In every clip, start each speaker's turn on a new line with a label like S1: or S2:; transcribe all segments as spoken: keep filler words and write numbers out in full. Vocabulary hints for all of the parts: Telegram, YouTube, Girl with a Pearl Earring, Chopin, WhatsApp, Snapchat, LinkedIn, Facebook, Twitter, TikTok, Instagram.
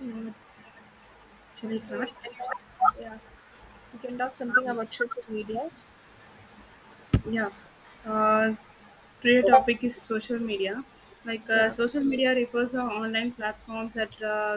S1: Uh, Shall I
S2: Okay, we
S1: start?
S2: can talk, yeah, we can talk something about social media.
S1: Yeah. Uh, Today topic is social media. Like uh,
S2: Yeah.
S1: social media refers to online platforms that uh,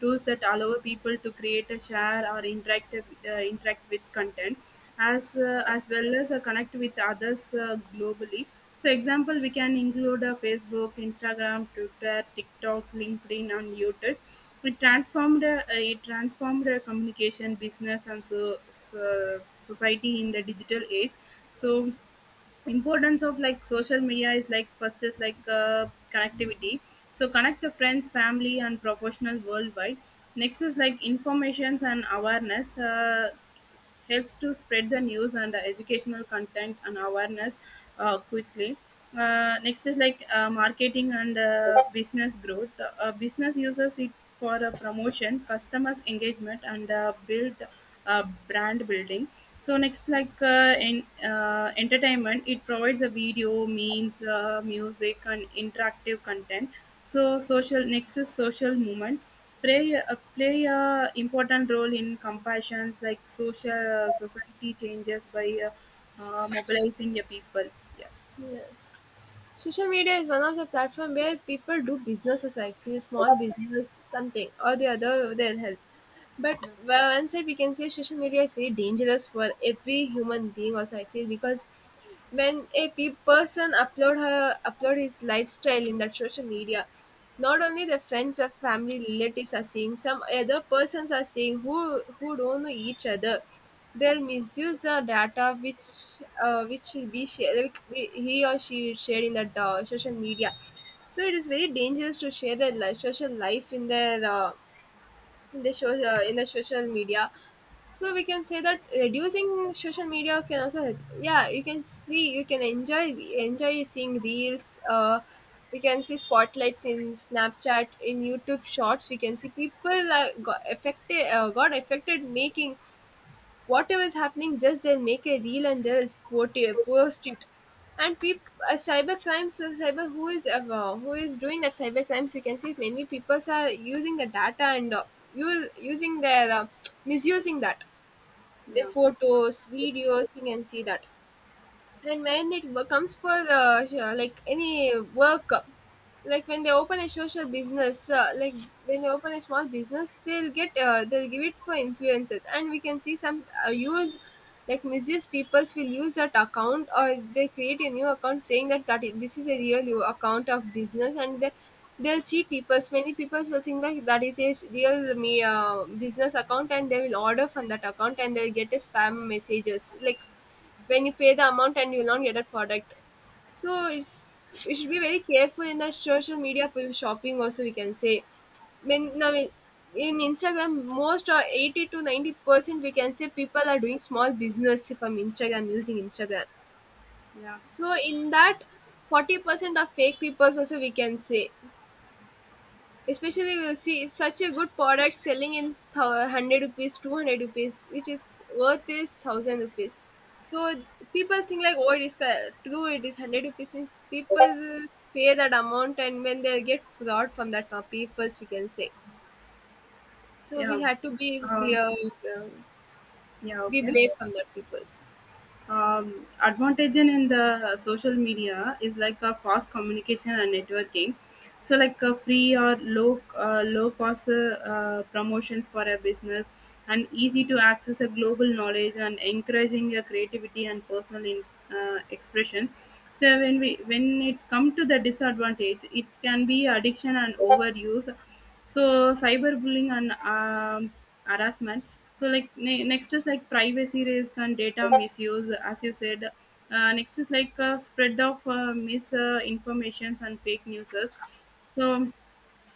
S1: tools that allow people to create, a share, or interact uh, interact with content, as uh, as well as uh, connect with others uh, globally. So, example, we can include uh, Facebook, Instagram, Twitter, TikTok, LinkedIn, and YouTube. It transformed uh, it transformed uh, communication, business, and so, so society in the digital age, so importance of like social media is like first is like uh, connectivity, so connect the friends family and professional worldwide. Next is like informations and awareness, uh, helps to spread the news and uh, educational content and awareness uh, quickly. Uh, next is like uh, marketing and uh, business growth. Uh, business uses it for uh, promotion customers engagement and uh, build uh, brand building. So next, like uh, in uh, entertainment, it provides a video, memes, uh, music, and interactive content. So social next is social movement, play uh, play a important role in compassions like social uh, society changes by uh, uh, mobilizing the people. Yeah,
S2: Yes. Social media is one of the platform where people do businesses, I feel. Small business, something or the other, they'll help. But
S1: yeah,
S2: well, one side we can say social media is very dangerous for every human being. Also, I feel, because when a pe- person upload her upload his lifestyle in that social media, not only the friends or family relatives are seeing, some other persons are seeing who who don't know each other. They'll misuse the data which uh, which will be shared, like we- he or she shared in that uh, social media. So it is very dangerous to share their li- social life in their uh, in the social uh, in the social media So we can say that reducing social media can also help. Yeah, you can see, you can enjoy enjoy seeing reels uh We can see spotlights in Snapchat, in YouTube shorts. We can see people uh, got affected uh, got affected making whatever is happening. Just they'll make a reel and they'll post it. Post it. And people, uh, cyber crimes, uh, cyber who is uh, uh, who is doing that cyber crimes. You can see many people are using the data and uh, u- using their uh, misusing that, their
S1: yeah,
S2: photos, videos. You can see that. And when it wo- comes for uh, sh- uh, like any work, uh, like when they open a social business uh, like when they open a small business, they'll get uh, they'll give it for influencers. And we can see some uh, use like misuse peoples will use that account, or they create a new account saying that, that i- this is a real u- account of business. And they, they'll cheat peoples. Many people will think that that is a real me uh, business account, and they will order from that account and they'll get a spam messages, like when you pay the amount and you'll not get a product. So it's we should be very careful in the social media p- shopping also, we can say. When Now, in in Instagram, most or eighty to ninety percent, we can say, people are doing small business from Instagram using Instagram.
S1: yeah,
S2: So in that, forty percent of fake people also, we can say. Especially, you will see such a good product selling in thou- one hundred rupees, two hundred rupees, which is worth is one thousand rupees. So people think like, oh, it is ca- true, it is one hundred rupees, means people will pay that amount, and when they get fraud from that uh, peoples, we can say. So we
S1: yeah.
S2: had to be
S1: Uh,
S2: clear, um,
S1: yeah.
S2: be
S1: Okay.
S2: brave from that peoples.
S1: Um, advantage in the social media is like a fast communication and networking, so like a free or low uh, low cost uh, uh, promotions for a business, and easy to access a global knowledge and encouraging your creativity and personal in, uh, expressions. So when we when it's come to the disadvantage it can be addiction and overuse, so cyberbullying and um, harassment. So like ne- next is like privacy risk and data misuse, as you said. Uh, next is like uh, spread of uh, misinformations and fake news. So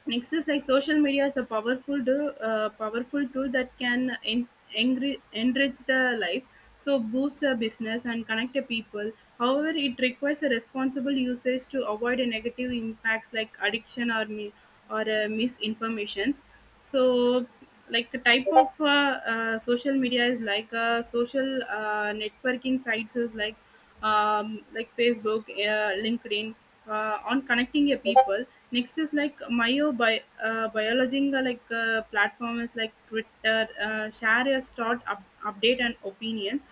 S1: next is like social media is a powerful do, uh, powerful tool that can en- engri- enrich the lives, so boost a business and connect the people. However, it requires a responsible usage to avoid a negative impacts like addiction or mi- or uh, misinformations. So, like the type of uh, uh, social media is like uh, social uh, networking sites is like um, like Facebook, uh, LinkedIn, uh, on connecting your people. Next is like myo bi uh, biological like uh, platform is like Twitter, uh, share your thought up, update and opinions.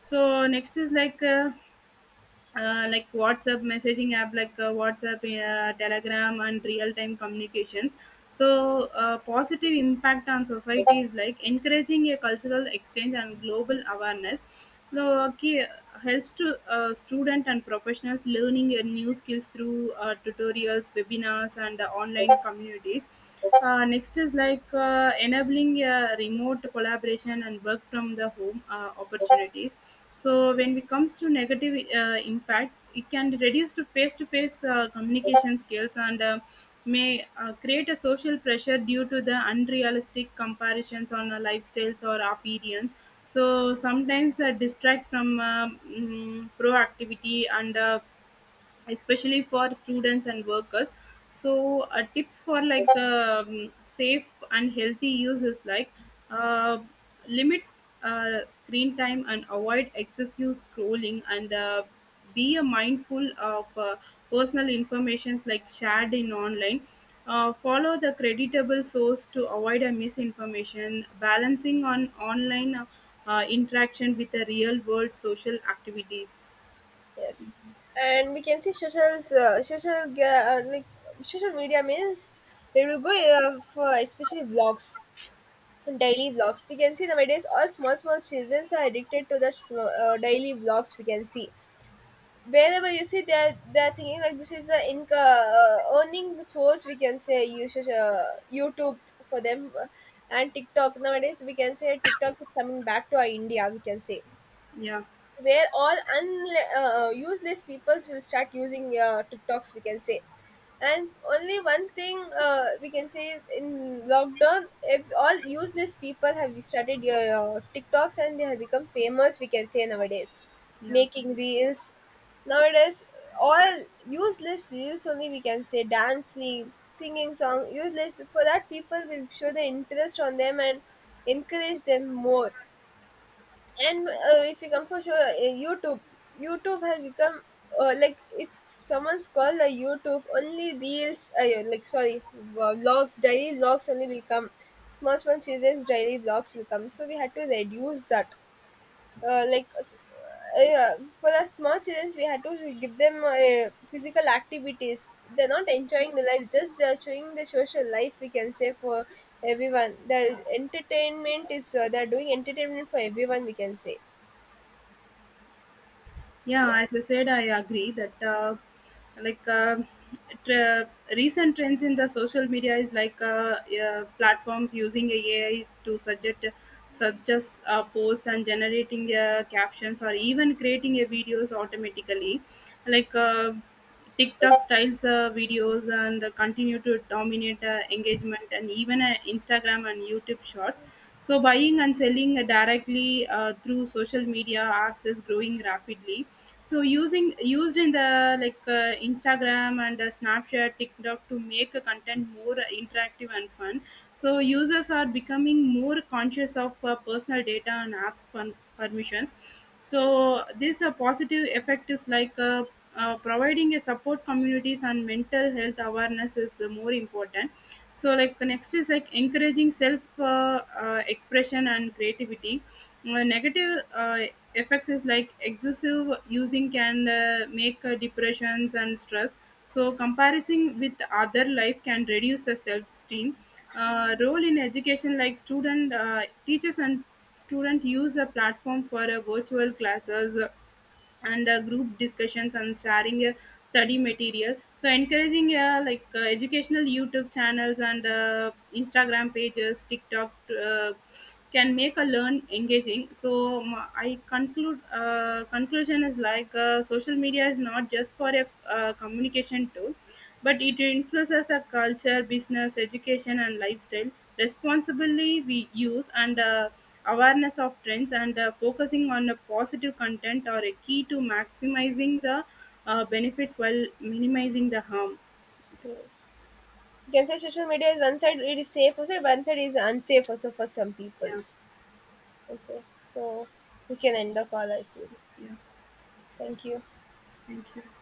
S1: So next is like uh, uh, like WhatsApp messaging app, like uh, WhatsApp, uh, Telegram, and real time communications. So, uh, positive impact on society is like encouraging a cultural exchange and global awareness. So, okay, helps to uh, student and professionals learning uh, new skills through uh, tutorials, webinars, and uh, online communities. Uh, next is like uh, enabling uh, remote collaboration and work from the home uh, opportunities. So when it comes to negative uh, impact, it can reduce to face-to-face uh, communication skills and uh, may uh, create a social pressure due to the unrealistic comparisons on uh, lifestyles or appearance. So sometimes uh, distract from uh, mm, proactivity and uh, especially for students and workers. So uh, tips for like um, safe and healthy use is like uh, limits uh, screen time and avoid excessive scrolling, and uh, be a mindful of uh, personal information like shared in online. Uh, follow the creditable source to avoid a misinformation, balancing on online uh, uh, interaction with the real world social activities.
S2: Yes. And we can see social, uh, social, ga- uh, like social media means it will go uh, for especially vlogs, daily vlogs. We can see nowadays all small small children are addicted to the sm- uh, daily vlogs. We can see, wherever you see, they're they're thinking like this is a income, uh, earning source, we can say, usage uh, YouTube for them. Uh, and TikTok nowadays, we can say, TikTok is coming back to our India, we can say,
S1: Yeah,
S2: where all unle- uh, useless peoples will start using uh, TikToks, we can say. And only one thing, uh, we can say, is in lockdown, if all useless people have started uh, TikToks and they have become famous, we can say nowadays,
S1: yeah,
S2: making reels. Nowadays, all useless reels only, we can say, dancing, singing song, useless. For that, people will show the interest on them and encourage them more. And uh, if you come for sure uh, youtube youtube has become uh, like if someone's called a YouTube, only reels, uh, yeah, like sorry, uh, vlogs, daily vlogs only will come. Small small children's daily vlogs will come. So we had to reduce that. uh, like s- uh, yeah, for the small children we had to give them uh, physical activities. They're not enjoying the life. Just they're showing the social life, we can say, for everyone. Their entertainment is uh, they're doing entertainment for everyone, we can say. Yeah.
S1: yeah, as I said, I agree that uh, like uh, tra- recent trends in the social media is like uh, uh, platforms using AI to suggest suggest uh, posts and generating uh, captions or even creating a videos automatically, like uh, TikTok styles uh, videos, and continue to dominate uh, engagement and even uh, Instagram and YouTube shorts. So buying and selling directly uh, through social media apps is growing rapidly. So using used in the like uh, Instagram and uh, Snapchat, TikTok to make a content more uh, interactive and fun. So users are becoming more conscious of uh, personal data and apps per- permissions. So this uh, positive effect is like uh, uh, providing a support communities and mental health awareness is uh, more important. So like the next is like encouraging self uh, uh, expression and creativity. Uh, negative uh, effects is like excessive using can uh, make uh, depressions and stress. So comparison with other life can reduce the self-esteem. Uh, role in education, like student uh, teachers and student use a platform for uh, virtual classes and uh, group discussions and sharing uh, study material. So encouraging uh, like uh, educational YouTube channels and uh, Instagram pages, TikTok uh, can make a learn engaging. So um, I conclude uh, conclusion is like uh, social media is not just for a uh, communication tool, but it influences our culture business education and lifestyle. Responsibly we use, and uh, awareness of trends and uh, focusing on a positive content are a key to maximizing the uh, benefits while minimizing the harm.
S2: Yes. You can say social media is one side it is safe also, one side is unsafe also for some
S1: Yeah,
S2: peoples. Okay. So we can end the call, I feel.
S1: yeah.
S2: Thank you.
S1: Thank you.